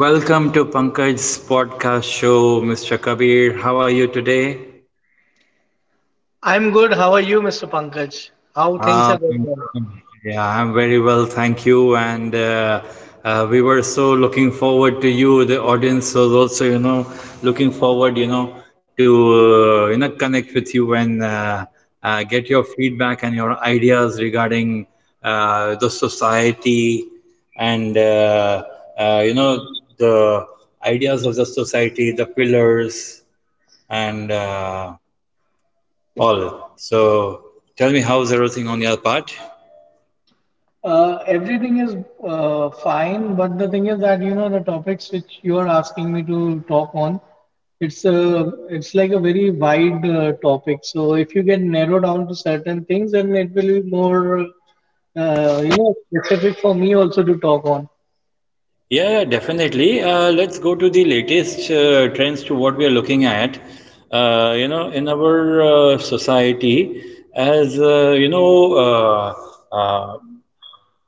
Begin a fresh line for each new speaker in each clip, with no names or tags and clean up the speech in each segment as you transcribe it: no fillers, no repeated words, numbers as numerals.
Welcome to Pankaj's podcast show, Mr. Kabir. How are you today?
I'm good. How are you, Mr. Pankaj? How things are going
Um,
on?
yeah, I'm very well, thank you. And we were so looking forward to you. The audience was also looking forward to connect with you, and get your feedback and your ideas regarding the society and you know the ideas of the society, the pillars and all. So tell me, how's everything on your part?
Everything is fine, but the thing is that you know the topics which you are asking me to talk on, it's a it's like a very wide topic. So if you get narrowed down to certain things, then it will be more you know specific for me also to talk on.
Yeah, yeah, definitely. Let's go to the latest trends to what we are looking at. In our society, as uh, you know, uh, uh,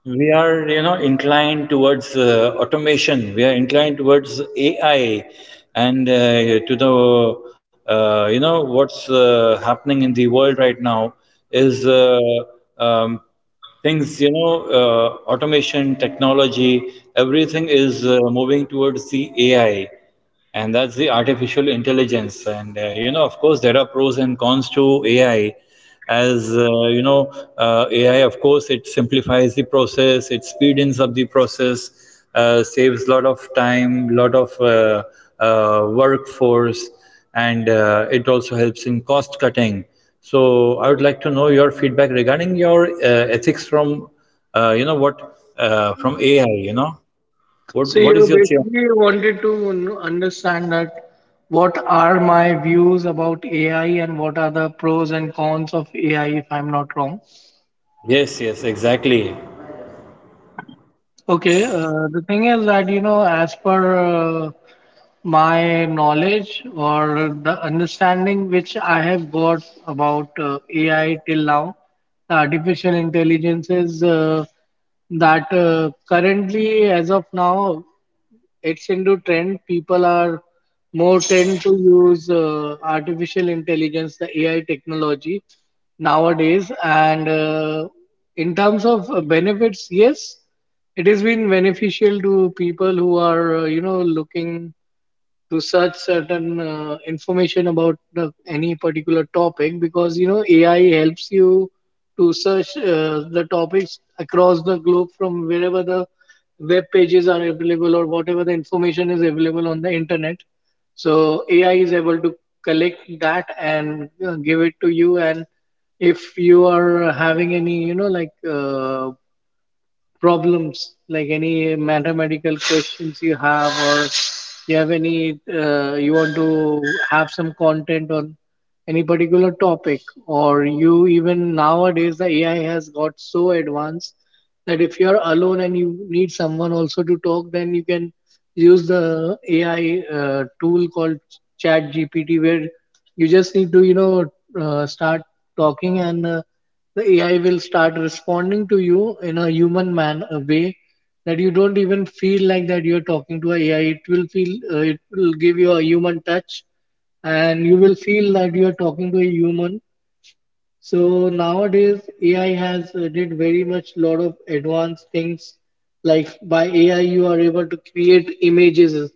we are, you know, inclined towards automation. We are inclined towards AI, and to the, you know, what's happening in the world right now is um, things, automation, technology, everything is moving towards the AI, and that's the artificial intelligence. And of course there are pros and cons to AI, as AI, of course, it simplifies the process, it speedens up the process, saves lot of time, lot of workforce, and it also helps in cost cutting. So I would like to know your feedback regarding your ethics from you know what from AI, you know what
So
what
you
is your say on-
basically wanted to understand that what are my views about AI and what are the pros and cons of AI, if I'm not wrong.
Yes, yes, exactly.
Okay, the thing is that, you know, as per my knowledge or the understanding which I have got about AI till now, the artificial intelligence is that currently, as of now, it's into trend. People are more tend to use artificial intelligence, the AI technology nowadays. And in terms of benefits, yes, it has been beneficial to people who are, you know, looking to search certain information about the, any particular topic because you know AI helps you to search the topics across the globe from wherever the web pages are available or whatever the information is available on the internet. So AI is able to collect that and give it to you. And if you are having any, you know, like problems like any mathematical questions you have or you have any you want to have some content on any particular topic or you even nowadays the ai has got so advanced that if you're alone and you need someone also to talk, then you can use the AI tool called Chat GPT, where you just need to, you know, start talking and the AI will start responding to you in a human man a way that you don't even feel like that you're talking to an a AI. It will feel, it will give you a human touch, and you will feel that you are talking to a human. So nowadays AI has did very much lot of advanced things. Like by AI, you are able to create images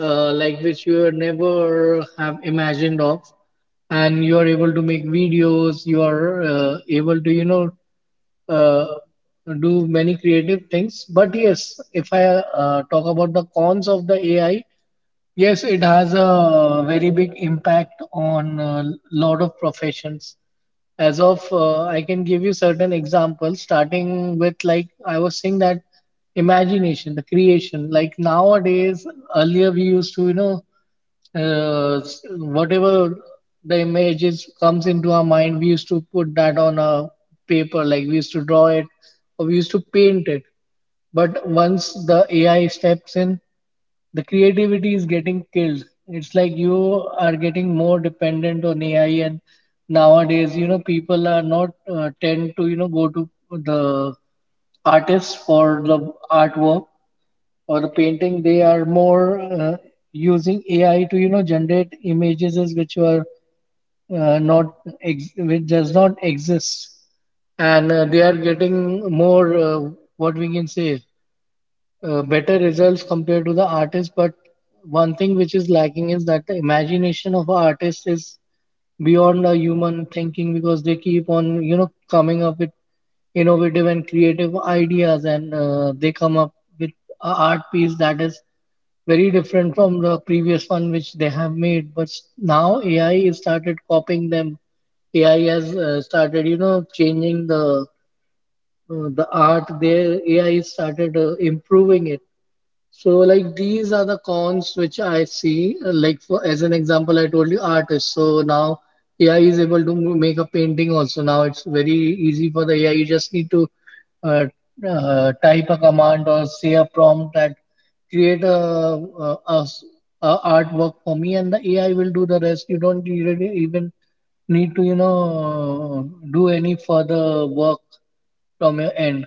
like which you were never have imagined of, and you are able to make videos. You are able to you know uh, do many creative things. But yes, if I talk about the cons of the AI, yes, it has a very big impact on a lot of professions. As of, I can give you certain examples, starting with like I was saying that imagination, the creation. Like nowadays, earlier we used to, you know, uh, s- whatever the images comes into our mind, we used to put that on a paper. Like we used to draw it, or we used to paint it. But once the AI steps in, the creativity is getting killed. It's like you are getting more dependent on AI, and nowadays, you know, people are not tend to, you know, go to the artists for the artwork or the painting. They are more using AI to, you know, generate images as which are not ex- which does not exist, and they are getting more what we can say better results compared to the artist, but one thing which is lacking is that the imagination of an artist is beyond a human thinking because they keep on you know coming up with innovative and creative ideas, and they come up with a art piece that is very different from the previous one which they have made. But now ai has started copying them, ai has started you know changing the art there, ai started improving it. So like these are the cons which I see. Like for as an example, I told you artists. So now AI is able to make a painting also. Now it's very easy for the AI. You just need to uh, type a command or say a prompt that create a, a s- a artwork for me, and the AI will do the rest. You don't really even need to you know do any further work from your end.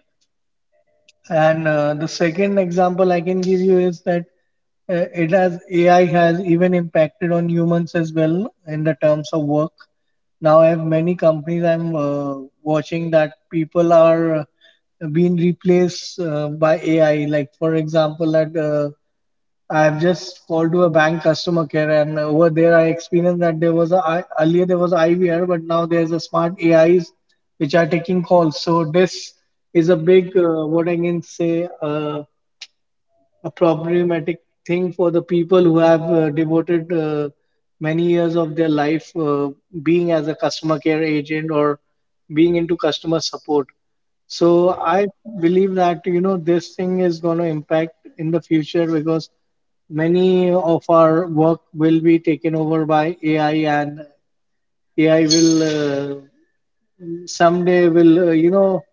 And the second example I can give you is that it has AI has even impacted on humans as well in the terms of work. Now I have many companies I'm watching that people are being replaced by AI. Like for example, at I've just called to a bank customer care, and over there I experienced that there was a earlier there was IVR, but now there's a smart AIs which are taking calls. So this is a big what I can say a problematic thing for the people who have devoted many years of their life being as a customer care agent or being into customer support. So I believe that you know this thing is going to impact in the future because many of our work will be taken over by AI, and AI will someday will you know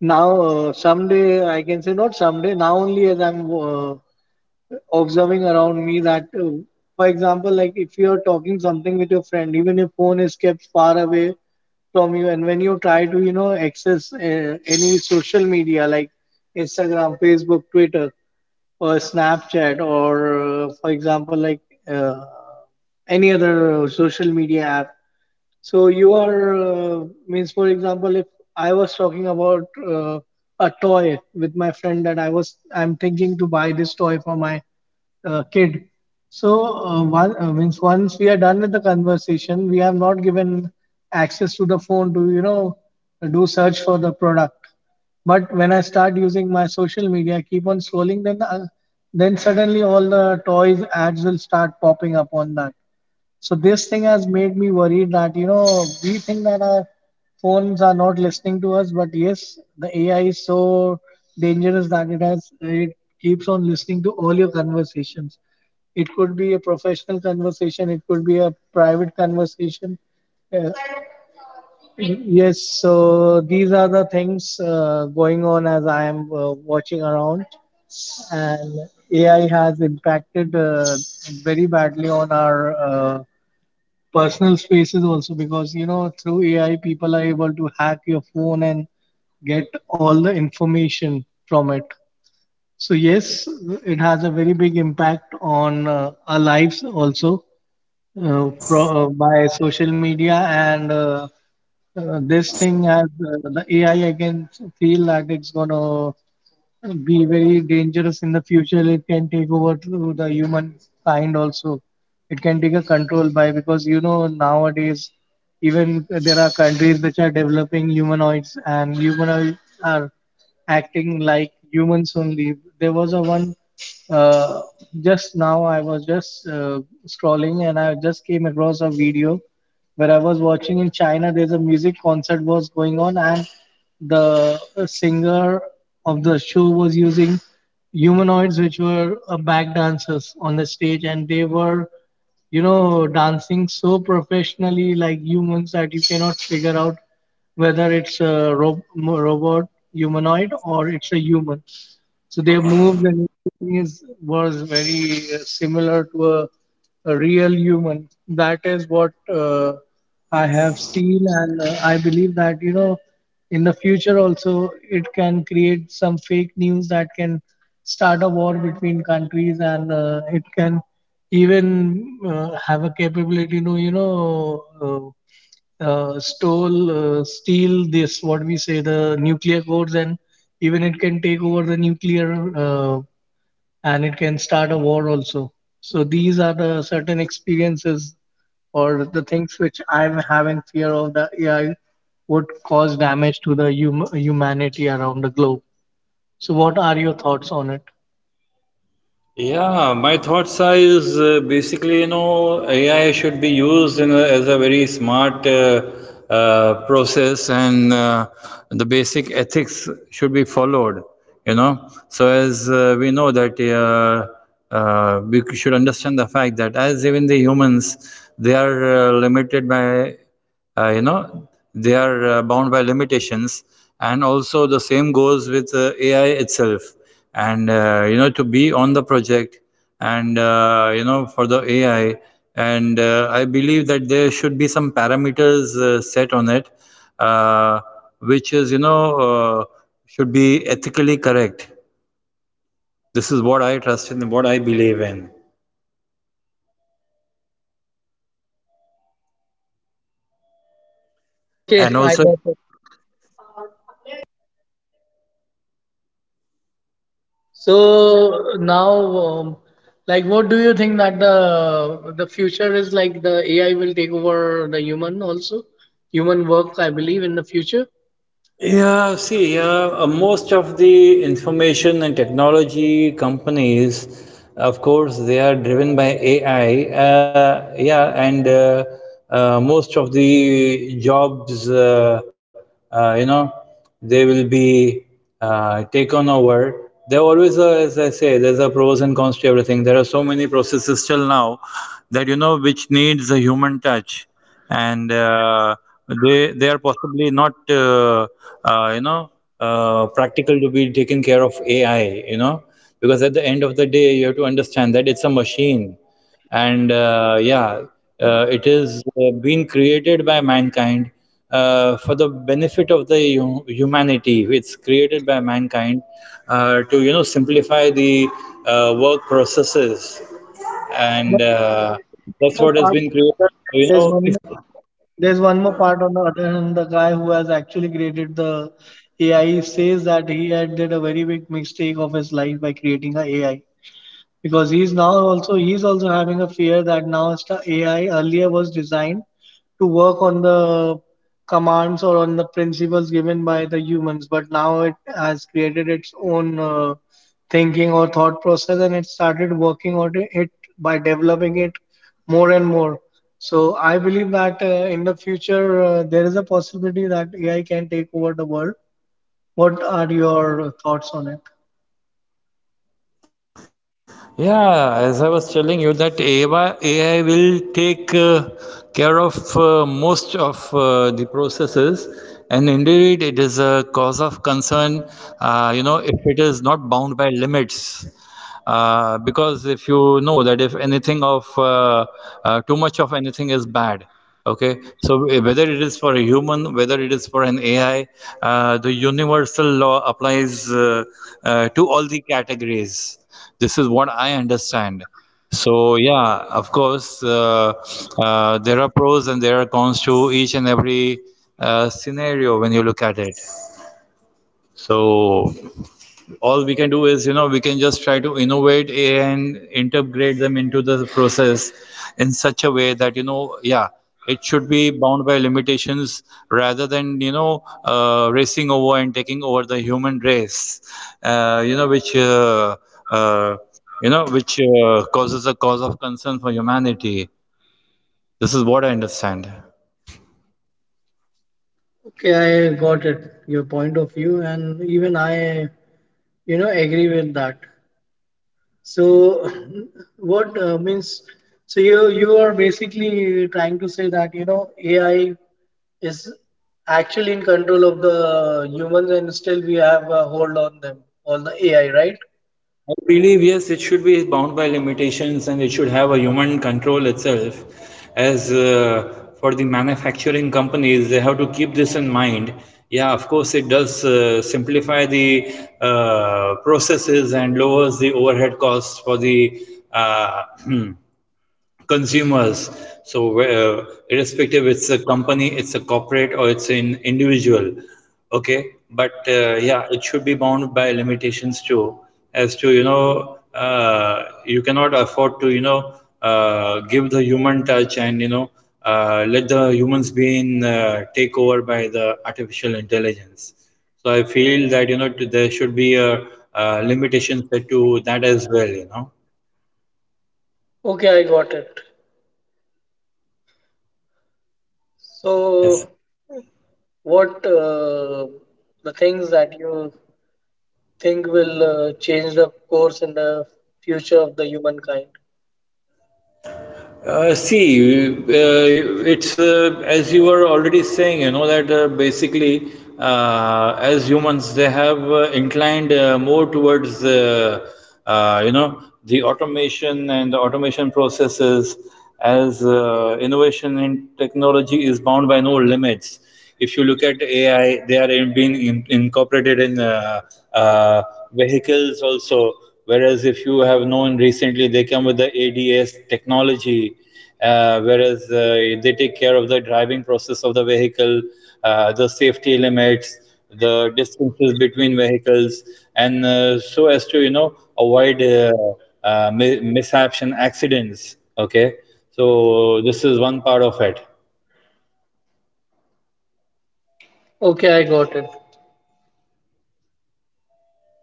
now someday I can say not someday, now only, as I'm observing around me that for example, like if you're talking something with your friend, even if phone is kept far away from you, and when you try to you know access any social media like instagram, facebook, twitter, or snapchat, or for example like uh, any other social media app. So you are means for example, if I was talking about a toy with my friend that I'm thinking to buy this toy for my kid. So one means once we are done with the conversation, we have not given access to the phone to you know do search for the product. But when I start using my social media, keep on scrolling, then suddenly all the toys ads will start popping up on that. So this thing has made me worried that you know we think that our phones are not listening to us, but yes, the AI is so dangerous that it keeps on listening to all your conversations. It could be a professional conversation, it could be a private conversation. Uh, yes, so these are the things going on as I am watching around, and AI has impacted very badly on our. Personal spaces also because you know through AI people are able to hack your phone and get all the information from it. So yes, it has a very big impact on our lives also by social media and this thing has the AI. I can feel that it's gonna be very dangerous in the future. It can take over to the human kind also. It can take a control by because you know nowadays even there are countries which are developing humanoids, and humanoids are acting like humans only. There was a one uh, just now I was just scrolling, and I just came across a video where I was watching in China, there's a music concert was going on, and the singer of the show was using humanoids, which were back dancers on the stage, and they were, you know, dancing so professionally like humans that you cannot figure out whether it's a ro- mo- robot humanoid or it's a human. So their moves and everything is was very similar to a real human. That is what I have seen, and I believe that you know, in the future also it can create some fake news that can start a war between countries, and it can even have a capability to you know uh, steal this, what we say, the nuclear codes, and even it can take over the nuclear and it can start a war also. So these are the certain experiences or the things which I'm having fear of the AI would cause damage to the humanity around the globe. So what are your thoughts on it?
Yeah, my thoughts are is basically, you know, AI should be used as a very smart process, and the basic ethics should be followed. You know, so as we know that we should understand the fact that, as even the humans, they are limited by uh, you know they are bound by limitations, and also the same goes with ai itself, and to be on the project, and for the ai. And I believe that there should be some parameters set on it, uh, which is you know uh, should be ethically correct. This is what I trust in, what I believe in. And
Okay, I
also,
got it. So now, um, like, what do you think that the future is like? The AI will take over the human also, human work, I believe, in the future.
yeah, see, most of the information and technology companies, of course, they are driven by AI. Yeah, and most of the jobs, uh, you know, they will be taken over. There always, are, as I say, there's a pros and cons to everything. There are so many processes till now that you know which needs a human touch, and they are possibly not uh, you know practical to be taken care of AI, you know, because at the end of the day you have to understand that it's a machine. And yeah, it is being created by mankind, for the benefit of the humanity. It's created by mankind to, you know, simplify the work processes, and
But there is one
that's
more
what has
part
been
on the
created.
other hand.
You
There's
know,
one
if,
more. There's one more part on the other hand. The guy who has actually created the AI says that he had did a very big mistake of his life by creating a AI. Because he's also having a fear that now AI earlier was designed to work on the commands or on the principles given by the humans, but now it has created its own thinking or thought process, and it started working on it by developing it more and more. So I believe that in the future there is a possibility that AI can take over the world. What are your thoughts on it?
yeah, as I was telling you that AI will take care of most of the processes, and indeed it is a cause of concern. If it is not bound by limits. Because if you know that if anything of too much of anything is bad, okay, so, whether it is for a human, whether it is for an AI, the universal law applies to all the categories. This is what I understand. So, yeah, of course, there are pros and there are cons to each and every scenario when you look at it. So, all we can do is, you know, we can just try to innovate AI and integrate them into the process in such a way that, you know, yeah, it should be bound by limitations, rather than, you know, racing over and taking over the human race uh, you know which uh, uh, which causes a cause of concern for humanity. This is what I understand.
Okay, I got it, your point of view, and even I agree with that. So, what means? So you are basically trying to say that AI is actually in control of the humans, and still we have a hold on them, on the AI, right?
I believe, yes, it should be bound by limitations, and it should have a human control itself. As for the manufacturing companies, they have to keep this in mind. Yeah, of course, it does simplify the processes, and lowers the overhead costs for the uh, consumers. So, irrespective, it's a company, it's a corporate, or it's an individual. Okay, but yeah, it should be bound by limitations too, as to, you know, you cannot afford to, you know, give the human touch, and, you know, let the humans being take over by the artificial intelligence. So I feel that, you know, there should be a limitation set to that as well. You know.
Okay, I got it.
Yes.
So, what the things that you think will change the course in the future of the humankind?
See, it's as you were already saying, you know, that basically, as humans, they have inclined more towardsuh, you know, the automation and the automation processes, as innovation in technology is bound by no limits. If you look at AI, they are incorporated in vehicles also. Whereas if you have known recently, they come with the ADS technology. Whereas they take care of the driving process of the vehicle, the safety limits, the distances between vehicles, and so as to, you know, avoid mishaps and accidents. Okay, so this is one part of it.
Okay, I got it.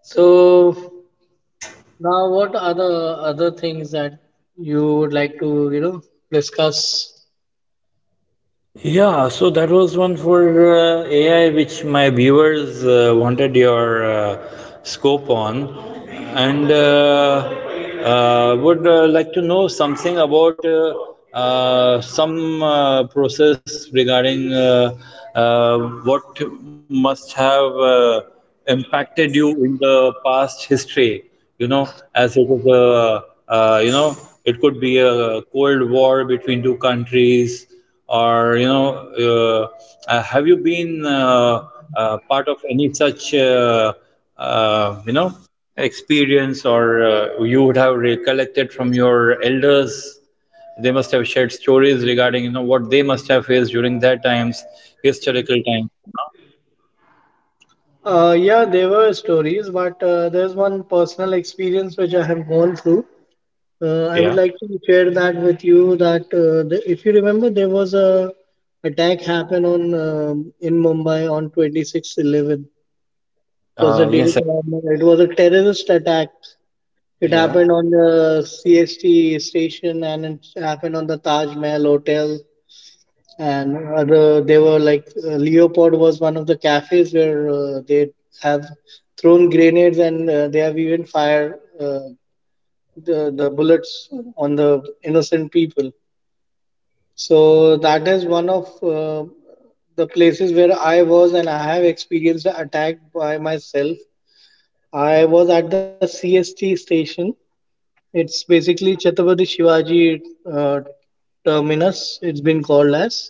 So now what are the other things that you would like to, you know, discuss?
Yeah, so that was one for AI, which my viewers wanted your scope on, and would like to know something about some process regarding what must have impacted you in the past history. You know, as it is it could be a cold war between two countries, or, you know, have you been part of any such, uh, you know, experience, or you would have recollected from your elders? They must have shared stories regarding, you know, what they must have faced during their times, historical times, you know?
Yeah, there were stories, but there's one personal experience which I have gone through. I would
Yeah.
like to share that with you. That if you remember, there was a attack happened on in Mumbai on 26/11 was the
Yes,
date.
sir.
And it was a terrorist attack. It
Yeah.
happened on the CST station and it happened on the Taj Mahal Hotel. And other, they were like, Leopold was one of the cafes where they have thrown grenades and they have even fired the bullets on the innocent people. So that is one of the places where I was and I have experienced the attack by myself. I was at the CST station. It's basically Chhatrapati Shivaji uh, Terminus. It's been called as,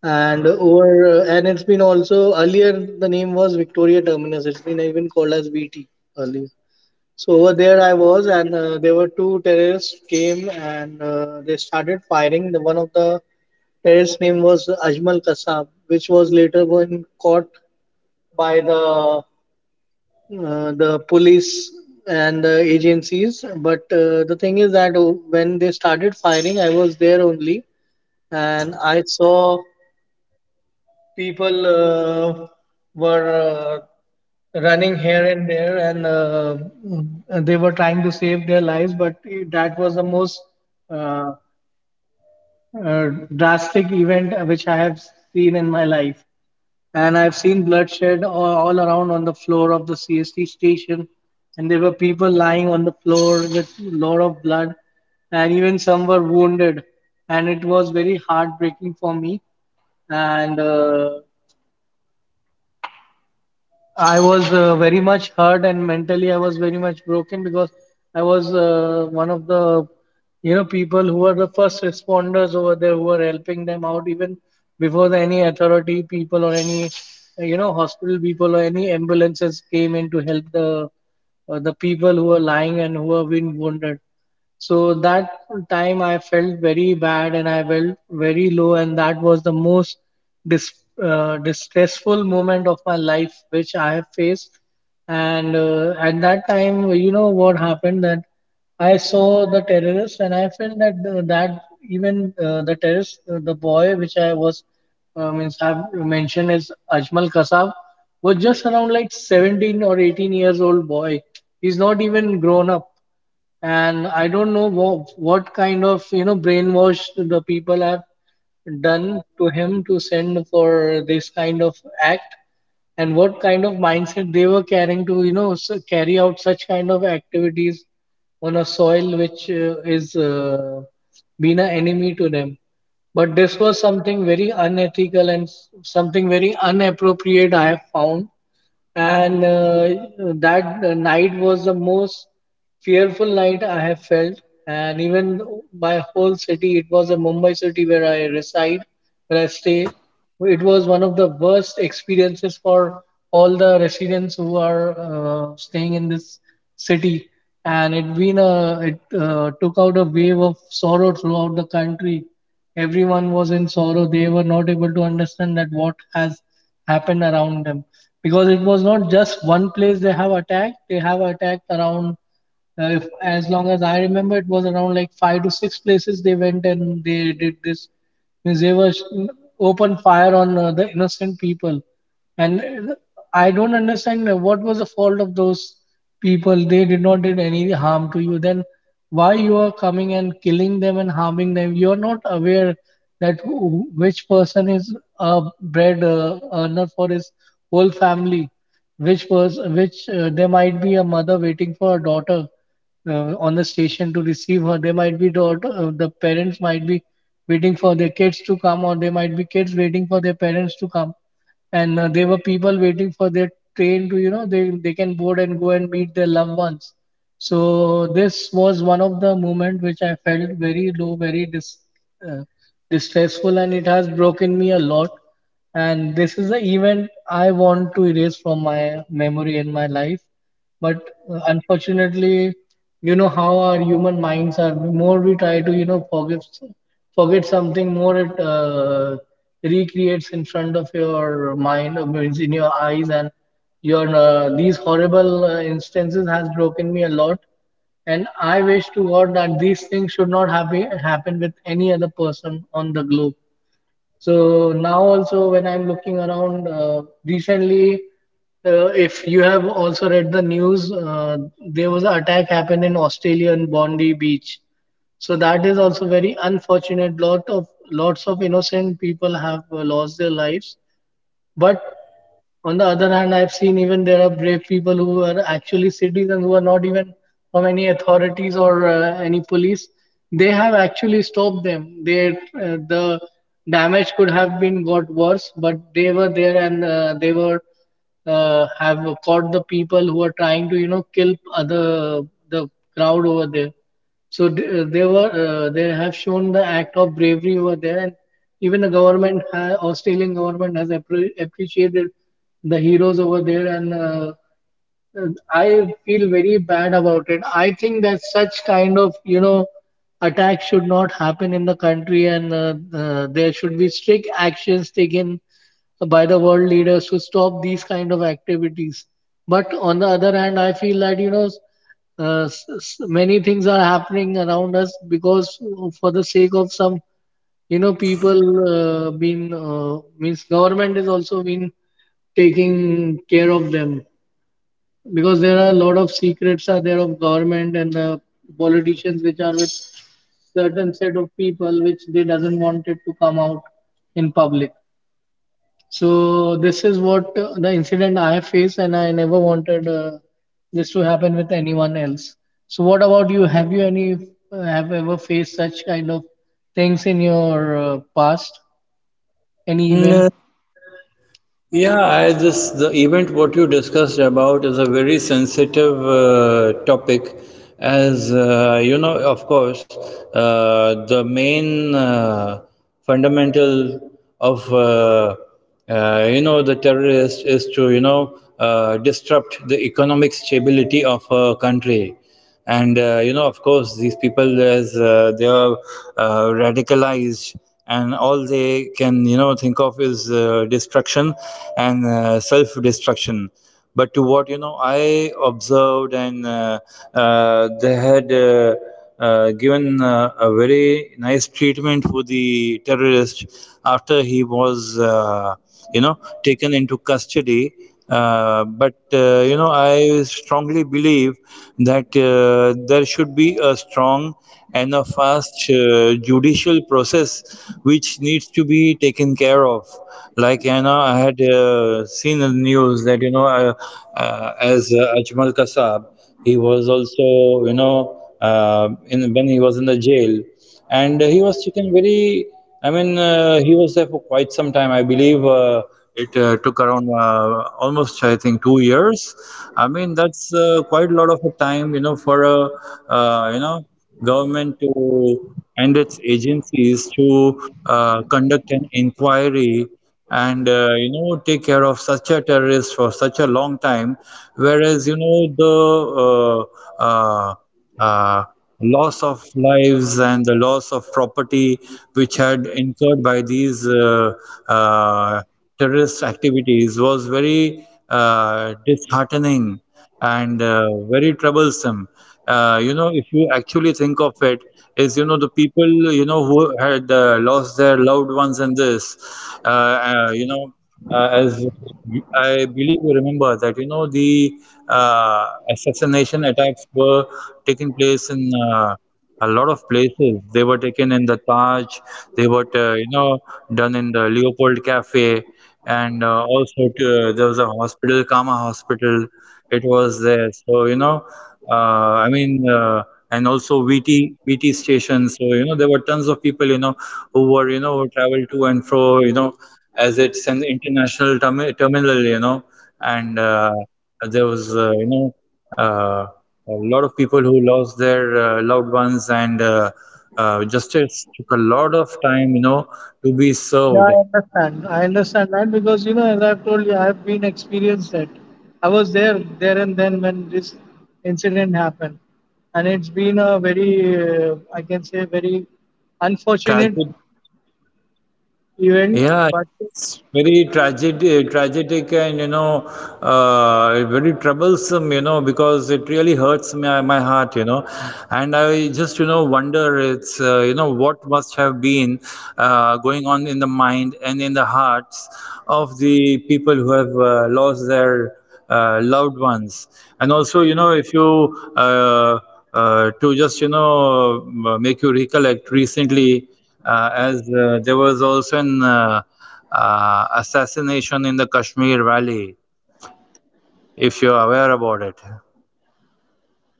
and over and it's been also earlier the name was Victoria Terminus. It's been even called as VT earlier. So over there I was, and there were two terrorists came and they started firing. The one of the terrorist name was Ajmal Kasab, which was later when caught by the police and the agencies. But the thing is that when they started firing, I was there only, and I saw people were running here and there, and they were trying to save their lives. But that was the most uh, uh, drastic event which I have seen in my life. And I've seen bloodshed all around on the floor of the CST station. And there were people lying on the floor with a lot of blood. And even some were wounded. And it was very heartbreaking for me. And I was very much hurt and mentally I was very much broken because I was one of the you know people who were the first responders over there who were helping them out even before the, any authority people or any hospital people or any ambulances came in to help the people who were lying and who were been wounded. So that time I felt very bad and I felt very low, and that was the most dis- distressful moment of my life which I have faced. And at that time, you know what happened that I saw the terrorist, and I felt that that even the terrorist, the boy which I was means have mentioned as Ajmal Kasab, was just around like 17 or 18 years old boy. He's not even grown up and I don't know what kind of you know brainwash the people have done to him to send for this kind of act, and what kind of mindset they were carrying to carry out such kind of activities on a soil which is been an enemy to them. But this was something very unethical and something very inappropriate I have found and that night was the most fearful night I have felt. And even my whole city, it was a Mumbai city where I reside, where I stay. It was one of the worst experiences for all the residents who are staying in this city. And it been a, it took out a wave of sorrow throughout the country. Everyone was in sorrow. They were not able to understand that what has happened around them, because it was not just one place they have attacked. They have attacked around, if as long as I remember, it was around like five to six places. They went and they did this, means they were open fire on the innocent people. And I don't understand what was the fault of those people. They did not did any harm to you. Then why you are coming and killing them and harming them? You are not aware that who, which person is a bread earner for his whole family. Which person, which there might be a mother waiting for a daughter on the station to receive her. There might be daughter, the parents might be waiting for their kids to come, or they might be kids waiting for their parents to come. And there were people waiting for their train to they can board and go and meet their loved ones. So this was one of the moment which I felt very low, very uh, distressful, and it has broken me a lot. And this is the event I want to erase from my memory and my life. But unfortunately, you know how our human minds are, more we try to you know forgive forget something, more it recreates in front of your mind, means in your eyes, and your these horrible instances has broken me a lot. And I wish to God that these things should not have happen with any other person on the globe. So now also when I'm looking around, recently, if you have also read the news, there was an attack happened in Australian Bondi Beach. So that is also very unfortunate. Lot of lots of innocent people have lost their lives. But on the other hand, I've seen even there are brave people who are actually citizens who are not even from any authorities or any police. They have actually stopped them. The damage could have been got worse, but they were there and they were have caught the people who are trying to kill other the crowd over there. So they were, they have shown the act of bravery over there. And even the government, Australian government, has appreciated the heroes over there. And I feel very bad about it. I think that such kind of, you know, attacks should not happen in the country, and there should be strict actions taken by the world leaders to stop these kind of activities. But on the other hand, I feel that, you know, many things are happening around us because for the sake of some, you know, people being, means government is also been taking care of them, because there are a lot of secrets are there of government and politicians which are with certain set of people which they doesn't want it to come out in public. So this is what the incident I have faced, and I never wanted this to happen with anyone else. So what about you? Have you any have ever faced such kind of things in your past, any event?
Yeah, I just the event what you discussed about is a very sensitive topic, as you know, of course, the main fundamental of the terrorist is to, you know, disrupt the economic stability of a country. And of course these people, as they are radicalized, and all they can, you know, think of is destruction and self destruction. But to what, you know, I observed, and they had given a very nice treatment for the terrorist after he was, you know, taken into custody. I strongly believe that there should be a strong and a fast judicial process which needs to be taken care of. Like, you know, I had seen in the news that, you know, as Ajmal Kasab, he was also, you know, in when he was in the jail, and he was taken very. I mean, he was there for quite some time. I believe it took around, almost, I think, 2 years. I mean, that's quite a lot of a time, you know, for a, uh, you know government to, and its agencies to conduct an inquiry, and take care of such a terrorist for such a long time, whereas, you know, the uh, uh, uh, loss of lives and the loss of property which had incurred by these uh, terrorist activities was very disheartening and very troublesome. If you actually think of it, is, you know, the people, you know, who had lost their loved ones in this. Uh, uh, you know, as I believe you remember that, you know, the assassination attacks were taking place in. A lot of places. They were taken in the Taj, they were, done in the Leopold Cafe, and also to, there was a hospital, Kama Hospital, it was there. So, you know, uh, I mean, uh, and also VT, station. So, you know, there were tons of people, you know, who were, you know, who traveled to and fro, you know, as it's an international terminal, you know, and there was, a lot of people who lost their loved ones, and justice took a lot of time, you know, to be
Yeah,
served.
I understand. I understand that because you know, as I've told you, I've been experienced it. I was there, there and then when this incident happened, and it's been a very, I can say, very unfortunate
Tragic,
event.
yeah,
But
it's very tragic, tragic, and, you know, very troublesome. You know, because it really hurts my heart. You know, and I just, you know, wonder it's, what must have been going on in the mind and in the hearts of the people who have lost their loved ones. And also, you know, if you to just, you know, make you recollect recently, as there was also an assassination in the Kashmir Valley, if you're aware about it.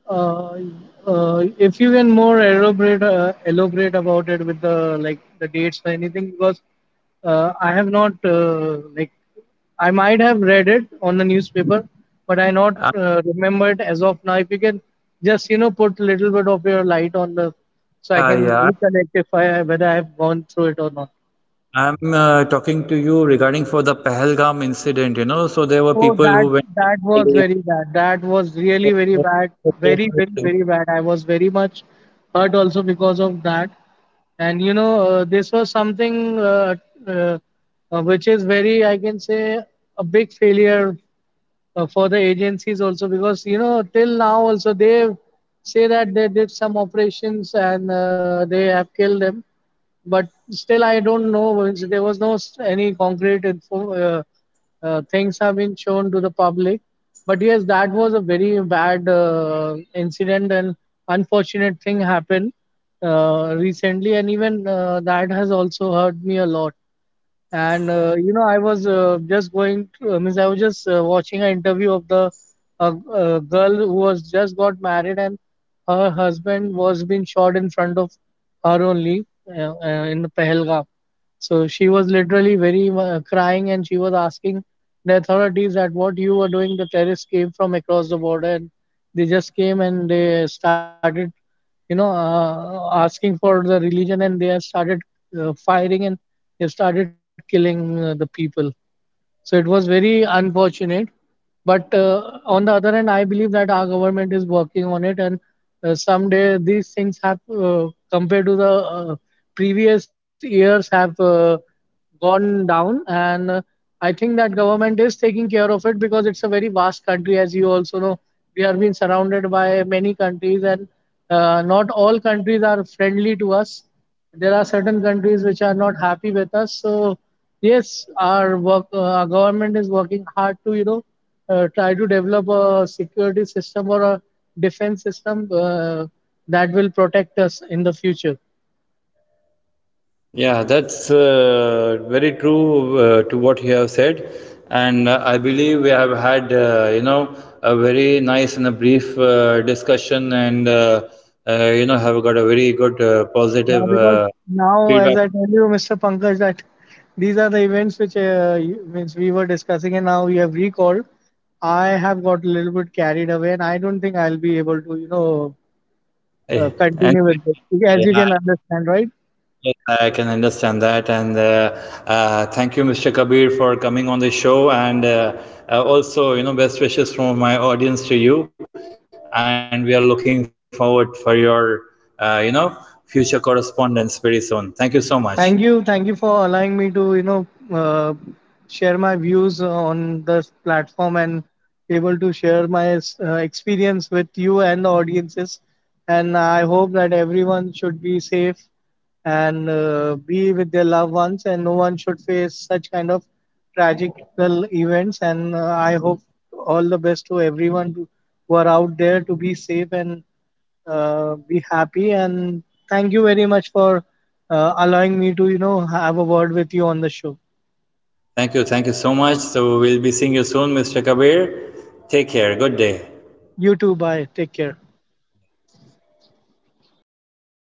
Uh, if you can more elaborate about it with the like the dates or anything, because I have not like I might have read it on the newspaper, but I not
Uh,
remember it as of now. If you can just you know put little bit of your light on the so I
yeah,
can
yeah.
reconnect if I whether I have gone through it or not.
I'm talking to you regarding for the Pahalgam incident, you know. So there were
Oh,
people
that
who
that was
went
very bad. That was
to
really very bad. Very, very,
Nepal.
very bad. I was very much hurt also because of that. And you know, this was something uh, which is very, I can say, a big failure for the agencies also, because you know till now also they say that they did some operations and they have killed them, but still I don't know there was no any concrete info, things have been shown to the public. But yes, that was a very bad incident and unfortunate thing happened recently. And even that has also hurt me a lot. And you know, I was just going to, means I was just watching an interview of the girl who was just got married, and her husband was being shot in front of her only, in the Pahalgam. So she was literally very crying, and she was asking the authorities that what you were doing. The terrorists came from across the border and they just came and they started asking for the religion, and they have started firing, and they have started killing the people. So it was very unfortunate. But on the other hand, I believe that our government is working on it, and someday these things have, compared to the previous years, have gone down. And I think that government is taking care of it because it's a very vast country, as you also know. We are being surrounded by many countries, and not all countries are friendly to us. There are certain countries which are not happy with us. So yes, our government is working hard to you know try to develop a security system or a defense system that will protect us in the future.
Yeah, that's very true to what you have said, and I believe we have had, a very nice and a brief discussion, and have got a very good
Now,
positive
because now, as
feedback.
I tell you, Mr. Pankaj, that these are the events which you- means we were discussing, and now you have recalled. I have got a little bit carried away, and I don't think I'll be able to, you know,
Eh, And
continue with this, as you
yeah,
can understand, right?
yes, I can understand that. And thank you, Mr. Kabir, for coming on the show. And also, you know, best wishes from my audience to you. And we are looking forward for your, future correspondence very soon. Thank you so much.
Thank you. Thank you for allowing me to, you know, uh, share my views on this platform, and able to share my experience with you and the audiences. And I hope that everyone should be safe and be with their loved ones, and no one should face such kind of tragical events. And I hope all the best to everyone, to who are out there to be safe and be happy. And thank you very much for allowing me to you know have a word with you on the show.
Thank you. Thank you so much. So we'll be seeing you soon, Mr. Kabir. Take care. Good day.
You too. Bye. Take care.